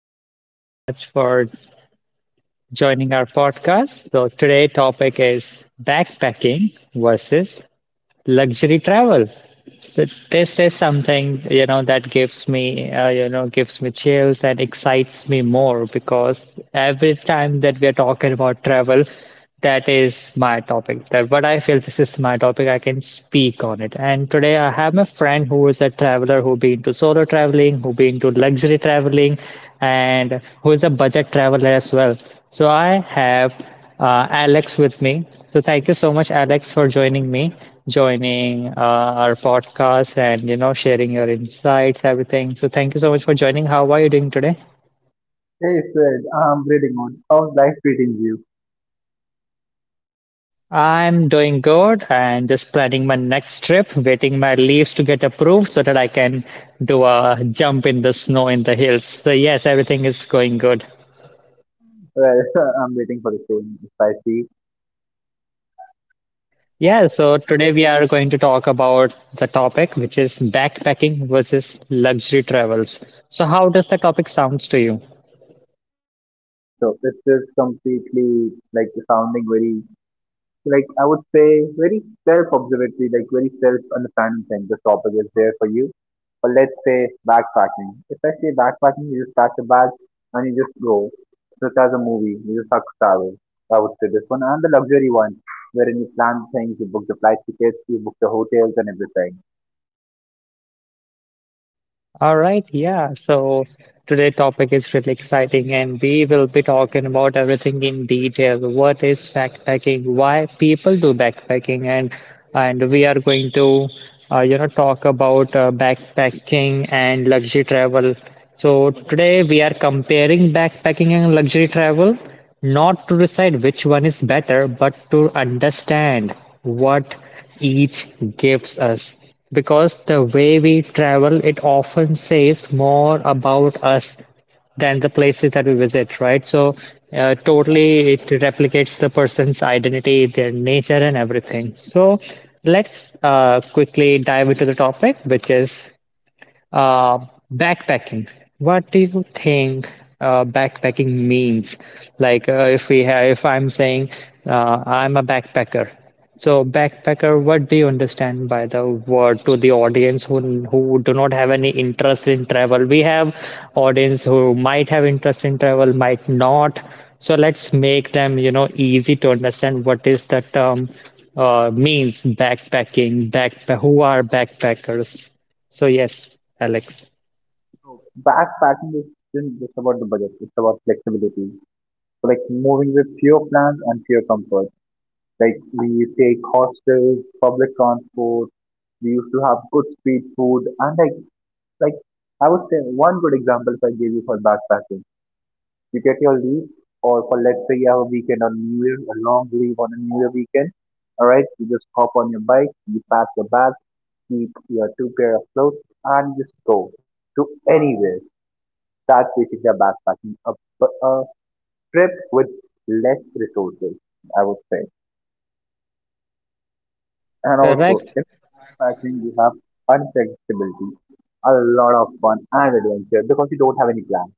Thank you so much for joining our podcast. So, today' topic is backpacking versus luxury travel. So this is something that gives me gives me chills and excites me more because every time that we are talking about travel, that is my topic. That what I feel this is my topic. I can speak on it. And today I have my friend who is a traveler who been to solo traveling, who been to luxury traveling, and who is a budget traveler as well. So I have Alex with me. So thank you so much, Alex, for joining me joining our podcast and sharing your insights, everything. So thank you so much for joining. How are you doing today? Hey Fred, I'm greeting on. How's life treating you? I'm doing good and just planning my next trip, waiting my leaves to get approved so that I can do a jump in the snow in the hills. So yes, everything is going good. Well, I'm waiting for the same spicy. Yeah, so today we are going to talk about the topic which is backpacking versus luxury travels. So how does the topic sounds to you? So this is completely sounding very, I would say, very self-observatory, like very self-understanding thing. This topic is there for you. Or let's say backpacking. Especially backpacking, you just pack your bag and you just go. Just as a movie, you just have to travel. I would say this one and the luxury one, wherein you plan things, you book the flight tickets, you book the hotels and everything. All right, yeah. So today topic is really exciting and we will be talking about everything in detail. What is backpacking? Why people do backpacking and we are going to talk about backpacking and luxury travel. So today we are comparing backpacking and luxury travel, not to decide which one is better, but to understand what each gives us. Because the way we travel, it often says more about us than the places that we visit, right? So, totally, it replicates the person's identity, their nature, and everything. So, let's quickly dive into the topic, which is uh, backpacking. What do you think backpacking means? Like, if we have, if I'm saying I'm a backpacker, so backpacker, what do you understand by the word to the audience who do not have any interest in travel? We have audience who might have interest in travel, might not. So let's make them, easy to understand what is the term means backpacking, backpack, who are backpackers? So, yes, Alex, Backpacking isn't just about the budget, it's about flexibility. So like moving with fewer plans and fewer comfort. Like we take hostels, public transport, we used to have good street food and like I would say one good example if I give you for backpacking. You get your leave or for let's say you have a weekend on New Year, a long leave on a New Year weekend. Alright, you just hop on your bike, you pack your bags, keep your two pair of clothes and just go to anywhere start treating their backpacking a trip with less resources, I would say. And also, correct. in backpacking, you have unpredictability, a lot of fun and adventure because you don't have any plan.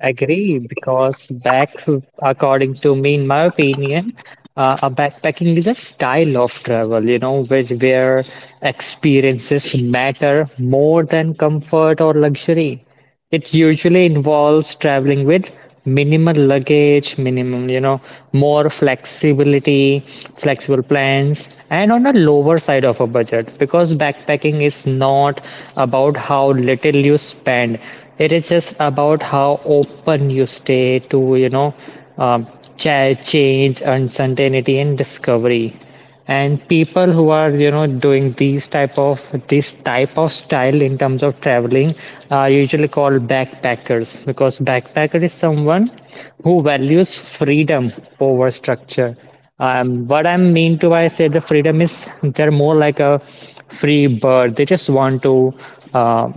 Agree, because according to me, in my opinion, a backpacking is a style of travel, which where experiences matter more than comfort or luxury. It usually involves traveling with minimal luggage, minimum, more flexibility, flexible plans, and on a lower side of a budget because backpacking is not about how little you spend. It is just about how open you stay to, um, change, uncertainty, and discovery and people who are doing these type of this type of style in terms of traveling are usually called backpackers because backpacker is someone who values freedom over structure. Um, what i mean to i say the freedom is, they're more like a free bird. They just want to uh,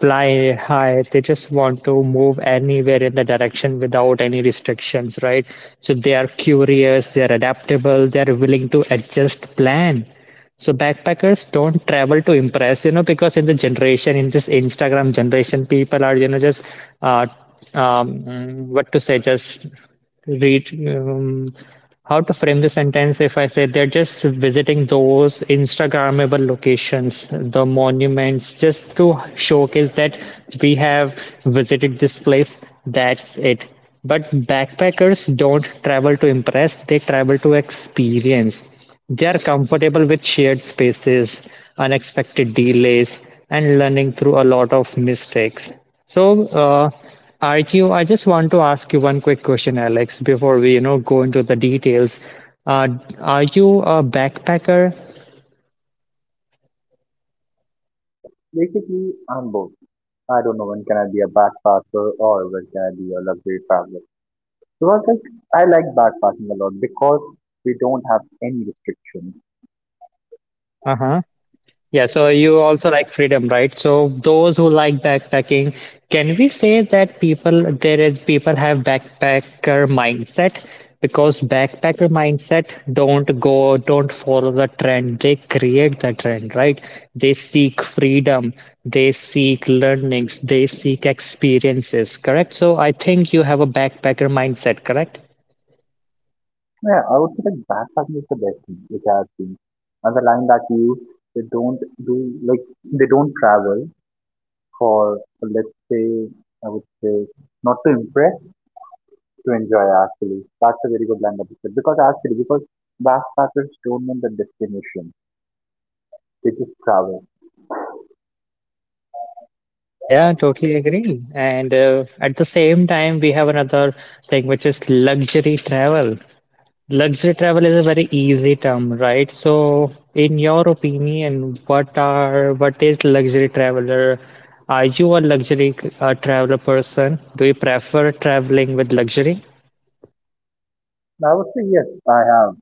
fly high. They just want to move anywhere in the direction without any restrictions, right? So they are curious, they are adaptable, they are willing to adjust plan. So backpackers don't travel to impress, because in the generation, in this Instagram generation, people are, just uh, just reach how to frame the sentence if I say they're just visiting those Instagrammable locations, the monuments, just to showcase that we have visited this place. That's it. But backpackers don't travel to impress, they travel to experience. They are comfortable with shared spaces, unexpected delays, and learning through a lot of mistakes. So, RQ, I just want to ask you one quick question, Alex, before we go into the details. Uh, are you a backpacker? So, basically, I'm both. I don't know when can I be a backpacker or when can I be a luxury traveler. Because like, I like backpacking a lot because we don't have any restrictions. Uh-huh. Yeah, so you also like freedom, right? So those who like backpacking, can we say that people there is people have backpacker mindset? Because backpacker mindset don't go, don't follow the trend. They create the trend, right? They seek freedom, they seek learnings, they seek experiences, correct? So I think you have a backpacker mindset, correct? Yeah, I would say like backpacking is the best thing which I have seen. As a line that you they don't do like they don't travel for let's say I would say not to impress to enjoy actually. That's a very good line that you said because backpackers don't know the destination. They just travel. Yeah, totally agree. And at the same time, we have another thing which is luxury travel. Luxury travel is a very easy term, right? So, in your opinion, what is luxury traveler? Are you a luxury traveler person? Do you prefer traveling with luxury? I would say yes, I have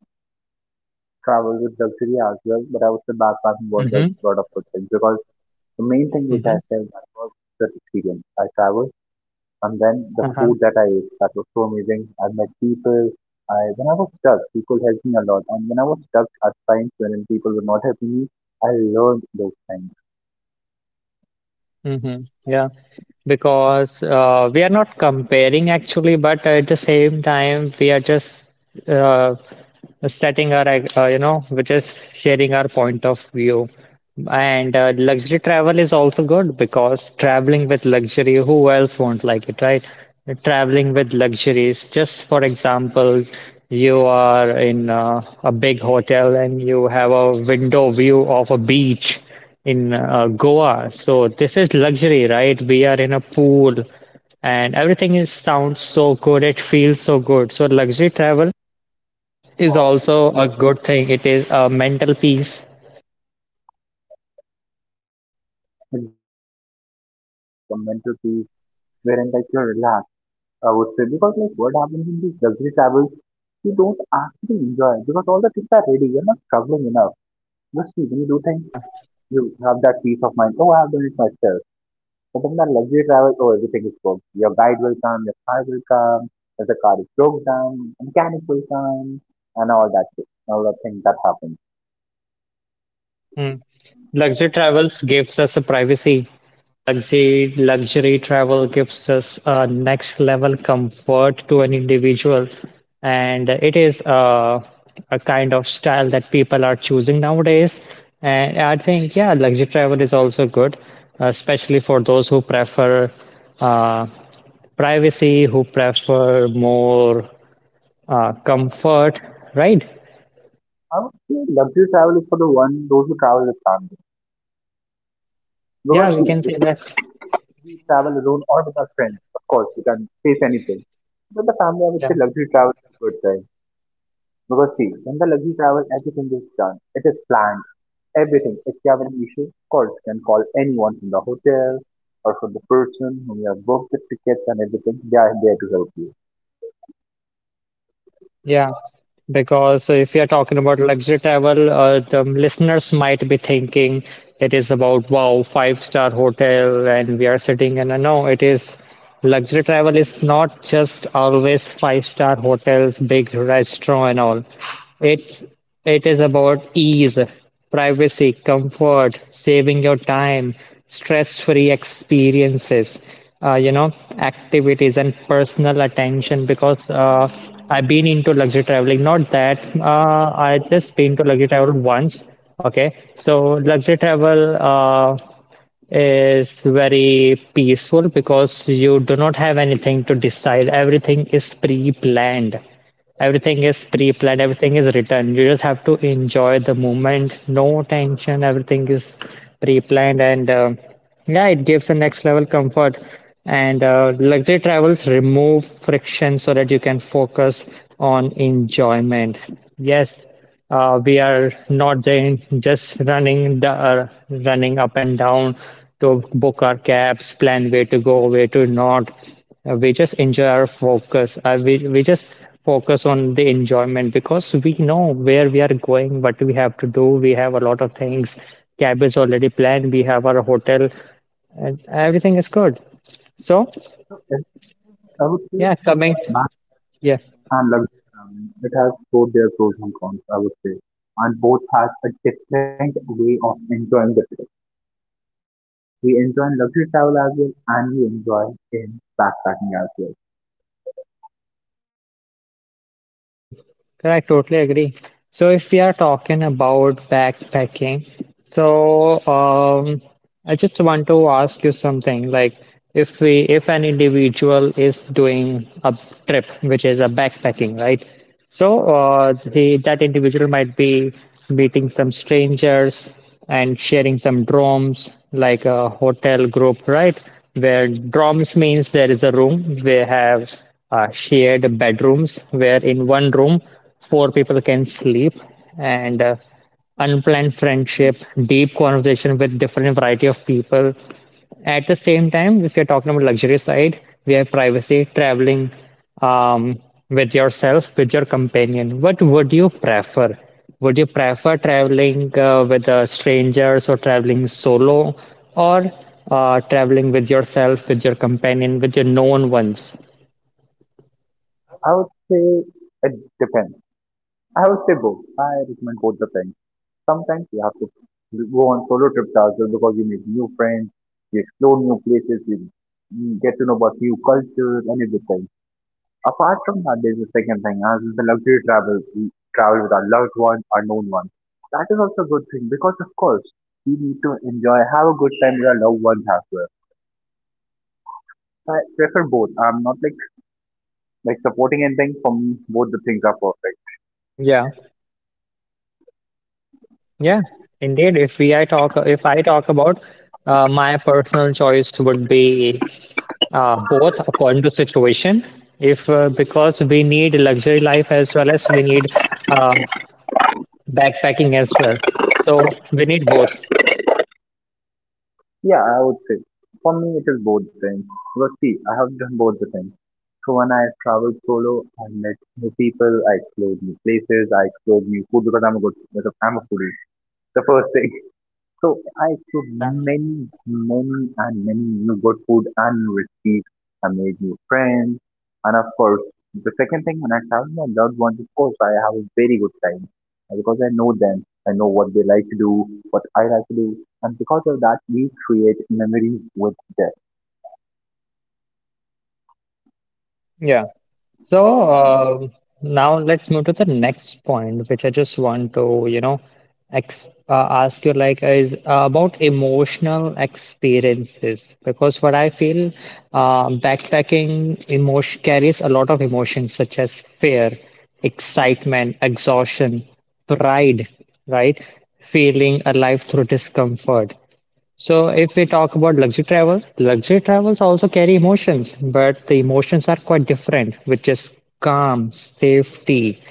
traveled with luxury as well, but I would say backpacking was a Mm-hmm. lot of good things because the main thing which I Mm-hmm. felt was the experience. I traveled. And then the Uh-huh. food that I ate, that was so amazing. I met people. I when I was stuck, people helped me a lot. And when I was stuck at times when people were not helping me, I learned those things. Mm-hmm. Yeah, because we are not comparing actually, but at the same time, we are just uh, setting our, you know, which is sharing our point of view. And luxury travel is also good because traveling with luxury, who else won't like it, right? Traveling with luxuries, just for example, you are in a big hotel and you have a window view of a beach in Goa. So this is luxury, right? We are in a pool and everything is sounds so good, it feels so good, so luxury travel is also a good thing. It is a mental peace. Exactly, I feel the same thing, like a mental peace, wherein like you're relaxed, I would say, because like what happens in these luxury travels, you don't actually enjoy it because all the things are ready, you're not struggling enough. But see, when you do things, Yeah. you have that peace of mind, oh, I have done it myself. But in the luxury travel, oh, everything is booked. Your guide will come, your car will come, if the car is broke down, mechanic will come, and all that shit, all the things that happen. Mm. Luxury travels gives us a privacy. Luxury travel gives us a next level comfort to an individual, and it is a kind of style that people are choosing nowadays. And I think yeah, luxury travel is also good, especially for those who prefer uh, privacy, who prefer more comfort, right? I would say luxury travel is for the one those who travel with family. Because Yeah, we can see, say if that. we travel alone or with our friends, of course we can face anything. But the family, I would say Yeah, luxury travel is a good thing. Because see, in the luxury travel, everything is done. It is planned. Everything. If you have an issue, of course, you can call anyone from the hotel or from the person whom you have booked the tickets and everything. They are there to help you. yeah. Because if you're talking about luxury travel, the listeners might be thinking it is about wow, five-star hotel, and we are sitting in a no, it is luxury travel is not just always five-star hotels, big restaurant, and all. It's it is about ease, privacy, comfort, saving your time, stress-free experiences, uh, you know, activities and personal attention. Because I've been into luxury traveling. Not that I just been to luxury travel once. Okay, so luxury travel. Is very peaceful because you do not have anything to decide. Everything is pre planned. Everything is pre planned. Everything is written. You just have to enjoy the moment. No tension. Everything is pre planned. And yeah, it gives a next level comfort. And luxury travels remove friction so that you can focus on enjoyment. Yes. We are not then just running up and down to book our cabs, plan where to go, where to not. We just enjoy our focus. We just focus on the enjoyment because we know where we are going, what we have to do. We have a lot of things. Cab is already planned. We have our hotel, and everything is good. So Yes, I would say yeah, coming Max yeah. and luxury traveling, it has both their pros and cons, I would say. And both has a different way of enjoying the trip. We enjoy in luxury travel as well, and we enjoy in backpacking as well. Correct, totally agree. So if we are talking about backpacking, so I just want to ask you something. Like, if an individual is doing a trip, which is a backpacking, right? So the that individual might be meeting some strangers, and sharing some drums like a hotel group, right, where drums means there is a room they have shared bedrooms where in one room four people can sleep and unplanned friendship, deep conversation with different variety of people. At the same time, if you're talking about luxury side, we have privacy, traveling um, with yourself, with your companion. What would you prefer? Would you prefer traveling with strangers or traveling solo or traveling with yourself, with your companion, with your known ones? I would say it depends. I would say both. I recommend both the things. Sometimes you have to go on solo trips as well because you meet new friends, you explore new places, you get to know about new cultures and everything. Apart from that, there's a second thing, as is the luxury travel, we travel with our loved ones, our known ones. That is also a good thing because, of course, we need to enjoy, have a good time with our loved ones as well. So, I prefer both. I'm not like supporting anything. For me, both the things are perfect. Yeah, yeah, indeed. If I talk about my personal choice would be both according to situation. If because we need luxury life as well as we need uh, backpacking as well, so we need both. Yeah, I would say. For me, it is both the things. Because see, I have done both the things. So when I traveled solo, I met new people, I explored new places, I explored new food because I'm a foodie. The first thing. So I cooked Yeah, many, many, and many new good food and recipes. I made new friends, and of course, the second thing when I travel with my loved ones, of course, I have a very good time. Because I know them. I know what they like to do, what I like to do, and because of that, we create memories with their yeah. So now let's move to the next point, which I just want to, ex ask you like is about emotional experiences, because what I feel backpacking emotion carries a lot of emotions such as fear, excitement, exhaustion, pride, right? Feeling alive through discomfort. So if we talk about luxury travels also carry emotions, but the emotions are quite different, which is calm, safety,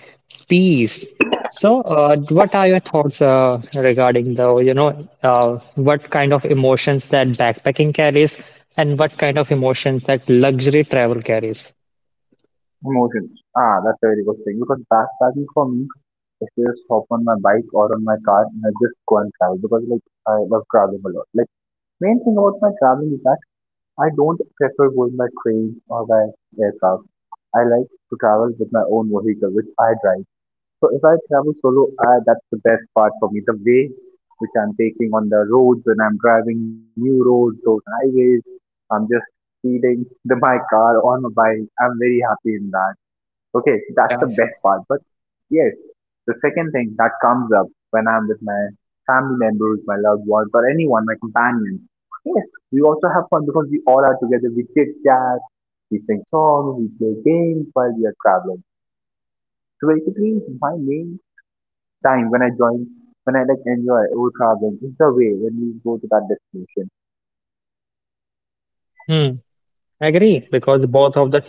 peace. So what are your thoughts regarding what kind of emotions that backpacking carries and what kind of emotions that luxury travel carries? emotions. Ah, that's a very good thing because backpacking for me is just hop on my bike or on my car and I just go and travel because like I love traveling a lot. Like main thing about my traveling is I don't prefer going by train or by aircraft. I like to travel with my own vehicle, which I drive. So if I travel solo, I, that's the best part for me. The way which I'm taking on the roads when I'm driving new roads, those highways, I'm just speeding the, my car on a bike. I'm very happy in that. Okay, so that's Yeah. the best part. But yes, the second thing that comes up when I'm with my family members, my loved ones, or anyone, my companions. Yes, we also have fun because we all are together. We chit chat, we sing songs, we play games while we are traveling. So basically, my main time when I join, when I like enjoy over traveling is the way when we go to that destination. Agree, because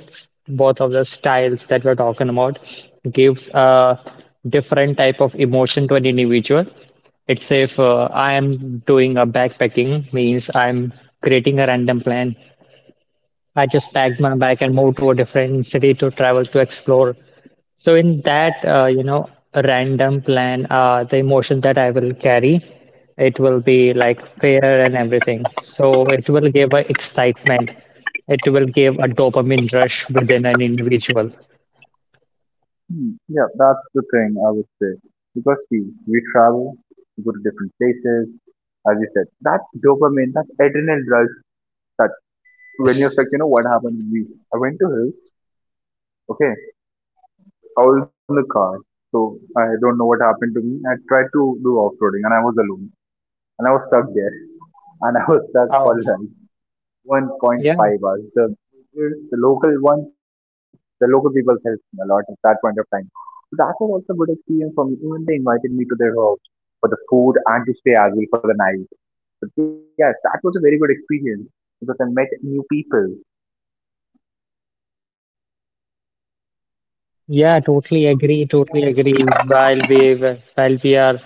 both of the styles that we're talking about gives a different type of emotion to an individual. It's if I am doing a backpacking means I'm creating a random plan. I just packed my bag and moved to a different city to travel to explore. So in that, random plan, the emotion that I will carry, it will be like fear and everything. So it will give a excitement. It will give a dopamine rush within an individual. Hmm. Yeah, that's the thing I would say. Because see, we travel, we go to different places, as you said, that dopamine, that adrenaline rush, that when you're Yes. stuck, you know what happened to me? I went to hill, okay, I was in the car, so I don't know what happened to me. I tried to do off-roading and I was alone and I was stuck there and I was stuck for Oh, life. yeah. 1.5 hours. The local ones, the local people helped me a lot at that point of time. So that was also a good experience for me. Even they invited me to their house for the food and to stay as well for the night. But yes, that was a very good experience because I met new people. Yeah, totally agree. Totally agree. While we are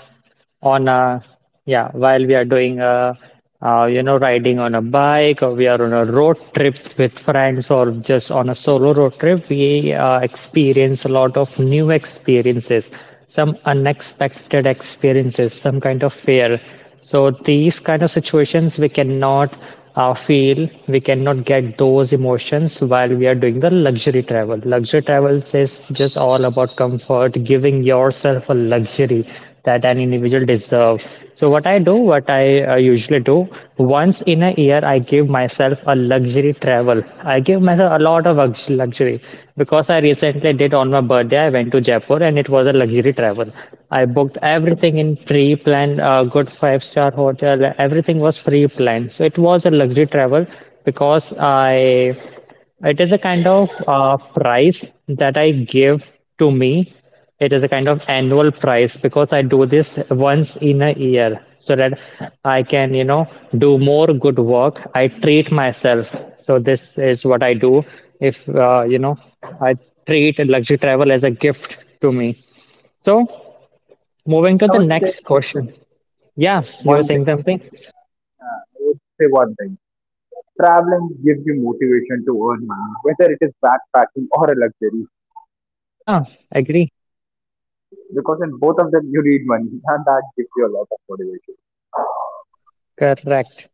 on a yeah, while we are doing a you know riding on a bike, or we are on a road trip with friends, or just on a solo road trip, we experience a lot of new experiences, some unexpected experiences, some kind of fear. So these kind of situations we cannot feel, we cannot get those emotions while we are doing the luxury travel. Luxury travel is just all about comfort, giving yourself a luxury that an individual deserves. So what I do, what I usually do, once in a year I give myself a luxury travel, I give myself a lot of luxury. Because I recently did, on my birthday I went to Jaipur and it was a luxury travel. I booked everything in pre-planned, a good five-star hotel, everything was pre-planned, so it was a luxury travel. Because i it is a kind of price that I give to me. It is a kind of annual price because I do this once in a year so that I can, you know, do more good work. I treat myself. So this is what I do. If, uh, you know, I treat luxury travel as a gift to me. So moving to I the would say next question. Yeah, you were one thing, saying something? say one thing. Traveling gives you motivation to earn money, whether it is backpacking or a luxury, Yeah, agree. because in both of them you need money, and that gives you a lot of motivation. Correct.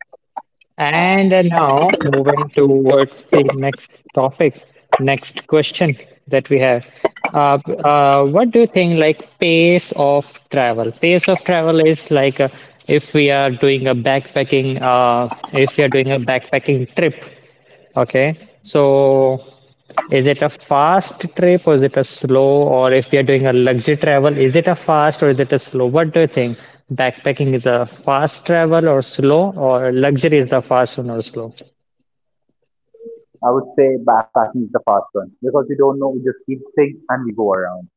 And Now moving towards the next topic, next question that we have. Uh, what do you think, like, pace of travel? Pace of travel is like, if we are doing a backpacking, if we are doing a backpacking trip. Okay. So is it a fast trip or is it a slow? Or if we are doing a luxury travel, is it a fast or is it a slow? What do you think? Backpacking is a fast travel or slow, or luxury is the fast one or slow? I would say backpacking is the fast one because we don't know, we just keep things and we go around.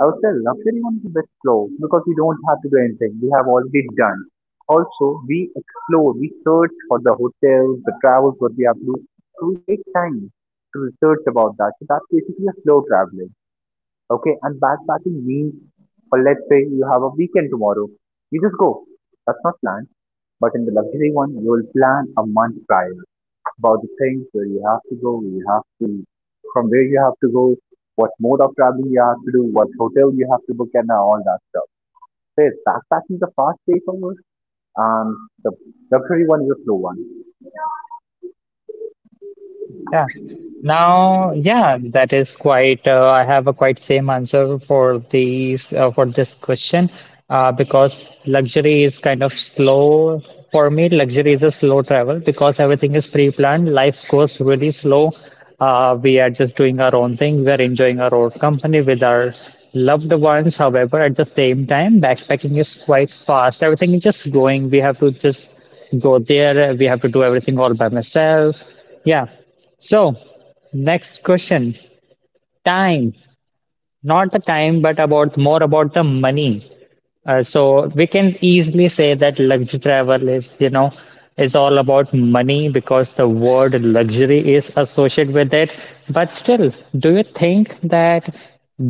I would say luxury one is a bit slow because we don't have to do anything. We have already done. Also, we explore, we search for the hotels, the travels, what we have to do. So we take time to research about that. So that's basically a slow traveling. Okay, and backpacking means, for let's say you have a weekend tomorrow, you just go. That's not planned. But in the luxury one, you will plan a month prior about the things where you have to go, where you have to, from where you have to go, what mode of traveling you have to do, what hotel you have to book, and all that stuff. So yes, backpacking is a fast pace almost, and the luxury one is a slow one. Yeah. Now, yeah, that is quite. I have a quite same answer for these for this question, because luxury is kind of slow for me. Luxury is a slow travel because everything is pre-planned. Life goes really slow. We are just doing our own thing. We are enjoying our own company with our loved ones. However, at the same time, backpacking is quite fast. Everything is just going. We have to just go there. We have to do everything all by myself. Yeah. So, next question. Time. Not the time, but about more about the money. So we can easily say that luxury travel is, you know, is all about money because the word luxury is associated with it. But still, do you think that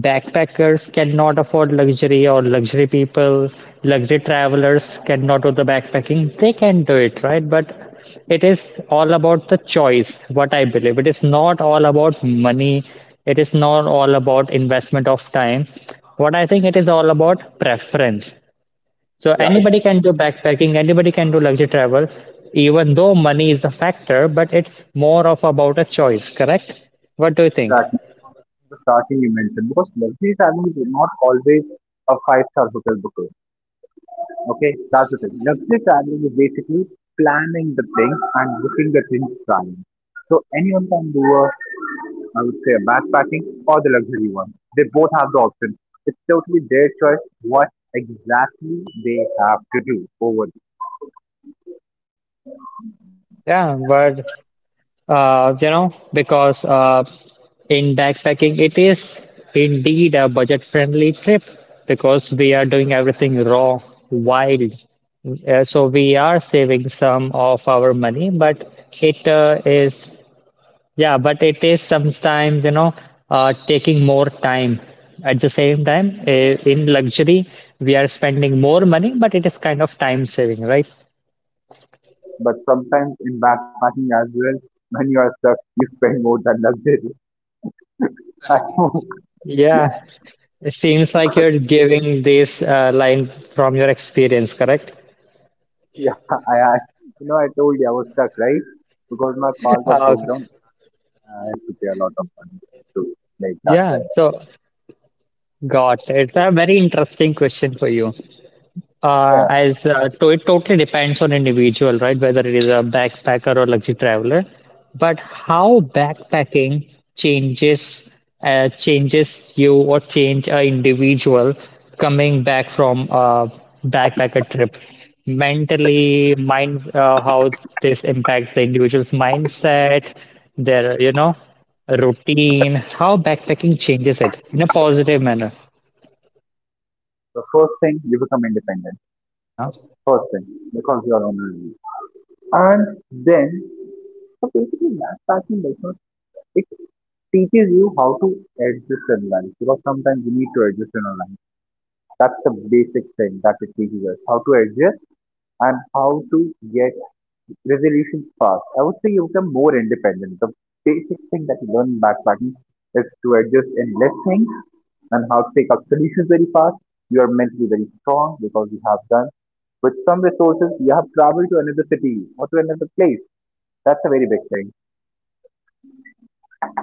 backpackers cannot afford luxury, or luxury people, luxury travelers cannot do the backpacking? They can do it, right? But it is all about the choice, what I believe. It is not all about money. It is not all about investment of time. What I think, it is all about preference. So Yeah, anybody can do backpacking, anybody can do luxury travel, even though money is a factor, but it's more of about a choice, correct? What do you think? exactly. The starting you mentioned because luxury traveling is not always a five-star hotel booking. Okay, Yeah. that's the thing. Luxury traveling is basically planning the things and booking the things planning. So anyone can do a I would say a backpacking or the luxury one. They both have the option. It's totally their choice what exactly they have to do over. Yeah, but you know, because In backpacking, it is indeed a budget friendly trip because we are doing everything raw, wild. So we are saving some of our money, but it uh, is, yeah, but it is sometimes, you know, taking more time. At the same time, in luxury, we are spending more money, but it is kind of time saving, right? But sometimes in backpacking as well, when you are stuck, you spend more than luxury. I know. Yeah. It seems like you're giving this line from your experience, correct? Yeah, I you know I told you I was stuck, right? Because my car got Uh, broke down, I had to pay a lot of money to make that yeah, correct. so got it. It's a very interesting question for you. Yeah. As to It totally depends on individual, right? Whether it is a backpacker or luxury traveler, but how backpacking changes changes you, or change a individual coming back from a backpacker trip, mentally, mind, how this impacts the individual's mindset, their, you know, routine. How backpacking changes it in a positive manner. The first thing you become independent. Yeah. First thing because you are on your own. And then so basically backpacking does not teaches you how to adjust online because sometimes you need to adjust in online. That's the basic thing that it teaches us how to adjust and how to get resolutions fast. I would say you become more independent. The basic thing that you learn in backpacking is to adjust in less things and how to take up solutions very fast. You are mentally very strong because you have done with some resources you have traveled to another city or to another place. That's a very big thing.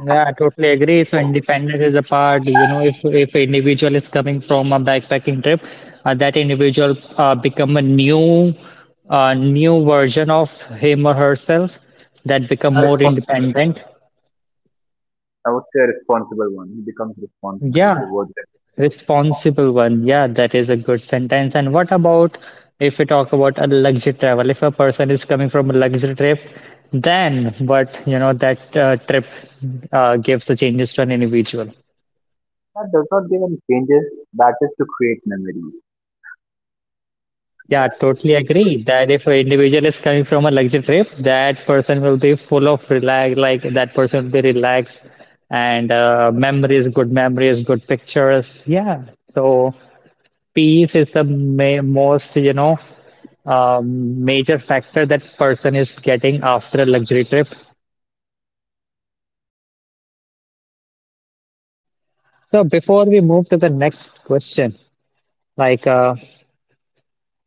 Yeah, I totally agree. So independence is a part, you know, if an individual is coming from a backpacking trip, that individual become a new version of him or herself, that become A more respons- independent. I would say a responsible one. He becomes responsible Yeah, towards. responsible one. Yeah, that is a good sentence. And what about if we talk about a luxury travel? If a person is coming from a luxury trip, then what, you know, that trip gives the changes to an individual. That does not give any changes, that is to create memory. Yeah, totally agree that if an individual is coming from a luxury trip, that person will be full of relax, like that person will be relaxed, and memories, good pictures. Yeah, so peace is the ma most, you know, major factor that person is getting after a luxury trip. So before we move to the next question, like uh,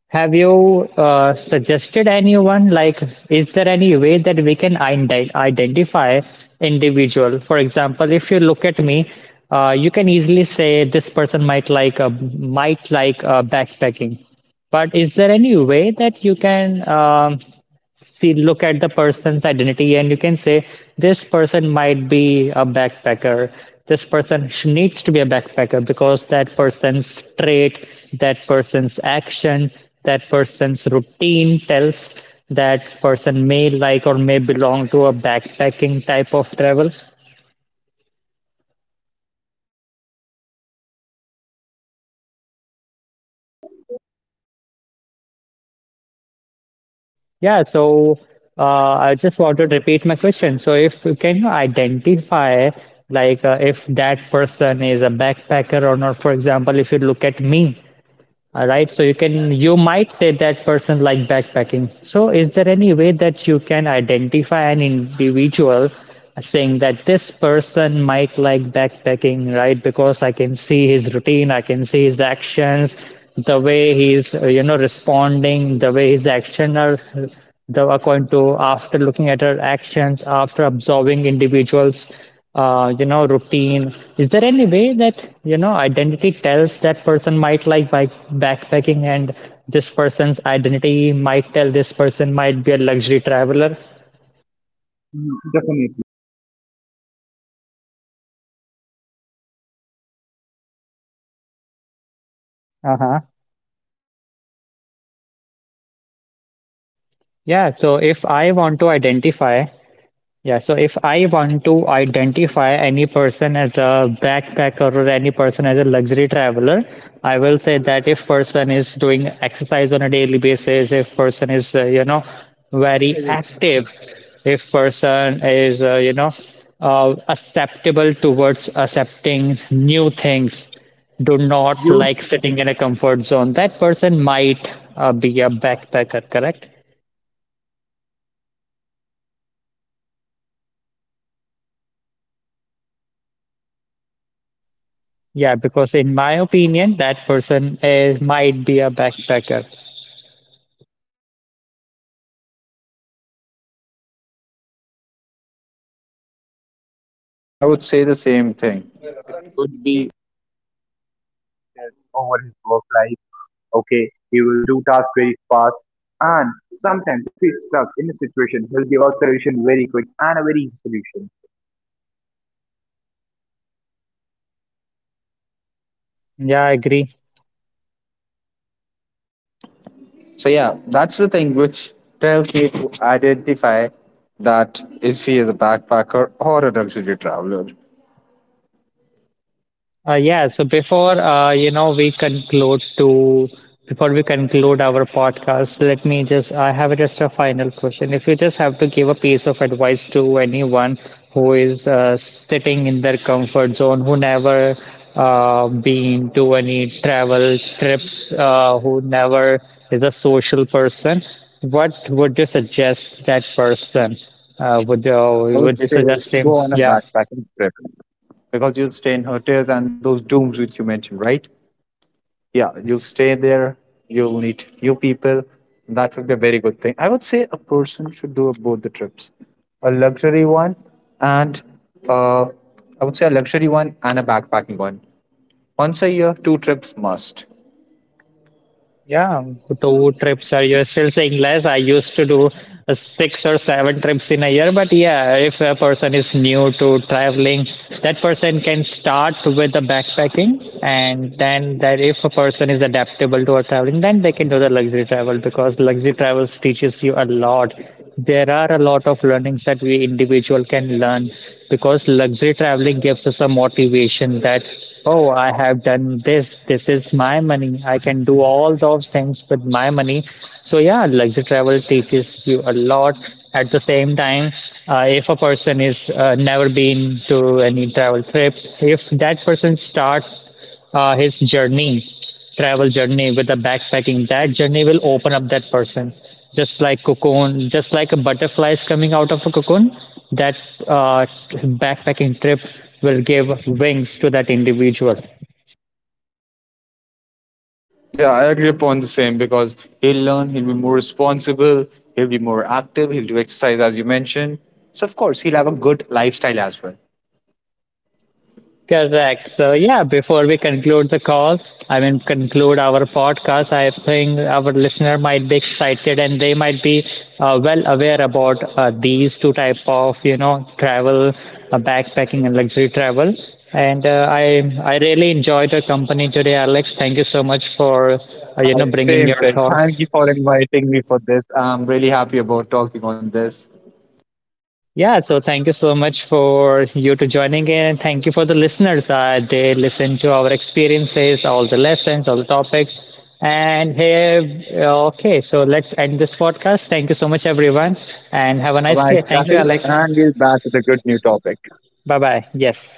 have you suggested anyone? Like, is there any way that we can identify individual? For example, if you look at me, you can easily say this person might might like, backpacking. But is there any way that you can, see, look at the person's identity and you can say this person might be a backpacker, this person needs to be a backpacker because that person's trait, that person's action, that person's routine tells that person may like or may belong to a backpacking type of travel. yeah so I just want to repeat my question. So if you can identify, if that person is a backpacker or not. For example, if you look at me, all right, so you can, you might say that person like backpacking. So is there any way that you can identify an individual, saying that this person might like backpacking, right? Because I can see his routine, I can see his actions, the way he's you know, responding, the way his action are, the according to, after looking at her actions, after observing individuals, you know, routine. Is there any way that, you know, identity tells that person might like bike backpacking, and this person's identity might tell this person might be a luxury traveler? Uh-huh. Yeah, so if I want to identify Yeah, so if I want to identify any person as a backpacker or any person as a luxury traveler, I will say that if person is doing exercise on a daily basis, if person is you know, very active, if person is acceptable towards accepting new things, do not like sitting in a You. comfort zone, that person might be a backpacker, correct? Yeah, because in my opinion, that person is might be a backpacker. Yeah, I would say the same thing. Would be over his work life. Okay, he will do tasks very fast. And sometimes, if he's stuck in a situation, he'll give out solution very quick and a very easy solution. Yeah, I agree. So yeah, that's the thing which tells me to identify that if he is a backpacker or a luxury traveler. Yeah, so before you know we conclude to Before we conclude our podcast, let me just, I have just a final question. If you just have to give a piece of advice to anyone who is sitting in their comfort zone, who never been to any travel trips, who never is a social person, what would you suggest that person? Would I would would you say suggest him? go on a Yeah, backpacking trip because you'll stay in hotels and those dooms which you mentioned, right? Yeah, yeah. you'll stay there, you'll meet new people. That would be a very good thing. I would say a person should do both the trips, a luxury one and uh, I would say a luxury one and a backpacking one, once a year two trips must. Yeah, two trips, are you're still saying less. I used to do six or seven trips in a year. But yeah, if a person is new to traveling, that person can start with the backpacking, and then that if a person is adaptable to a traveling, then they can do the luxury travel, because luxury travels teaches you a lot. There are a lot of learnings that we individual can learn, because luxury traveling gives us a motivation that, oh, I have done this, this is my money, I can do all those things with my money. So yeah, luxury travel teaches you a lot. At the same time, if a person is never been to any travel trips, if that person starts his journey, travel journey, with a backpacking, that journey will open up that person. Just like cocoon, just like a butterfly is coming out of a cocoon, that uh, backpacking trip will give wings to that individual. Yeah, I agree upon the same because he'll learn, he'll be more responsible, he'll be more active, he'll do exercise as you mentioned. So of course he'll have a good lifestyle as well. Correct. So, yeah, before we conclude the call, I mean, conclude our podcast, I think our listener might be excited and they might be well aware about these two type of, you know, travel, backpacking and luxury travel. And I really enjoyed your company today, Alex. Thank you so much for, you Yeah, know, bringing same your thing. Thank thoughts. you for inviting me for this. I'm really happy about talking on this. Yeah, so thank you so much for you to joining in, and thank you for the listeners. They listen to our experiences, all the lessons, all the topics, and hey, okay, so let's end this podcast. Thank you so much, everyone, and have a All nice right, day. Thank you, Sahil, Alex. and we're back with a good new topic. Bye bye. Yes.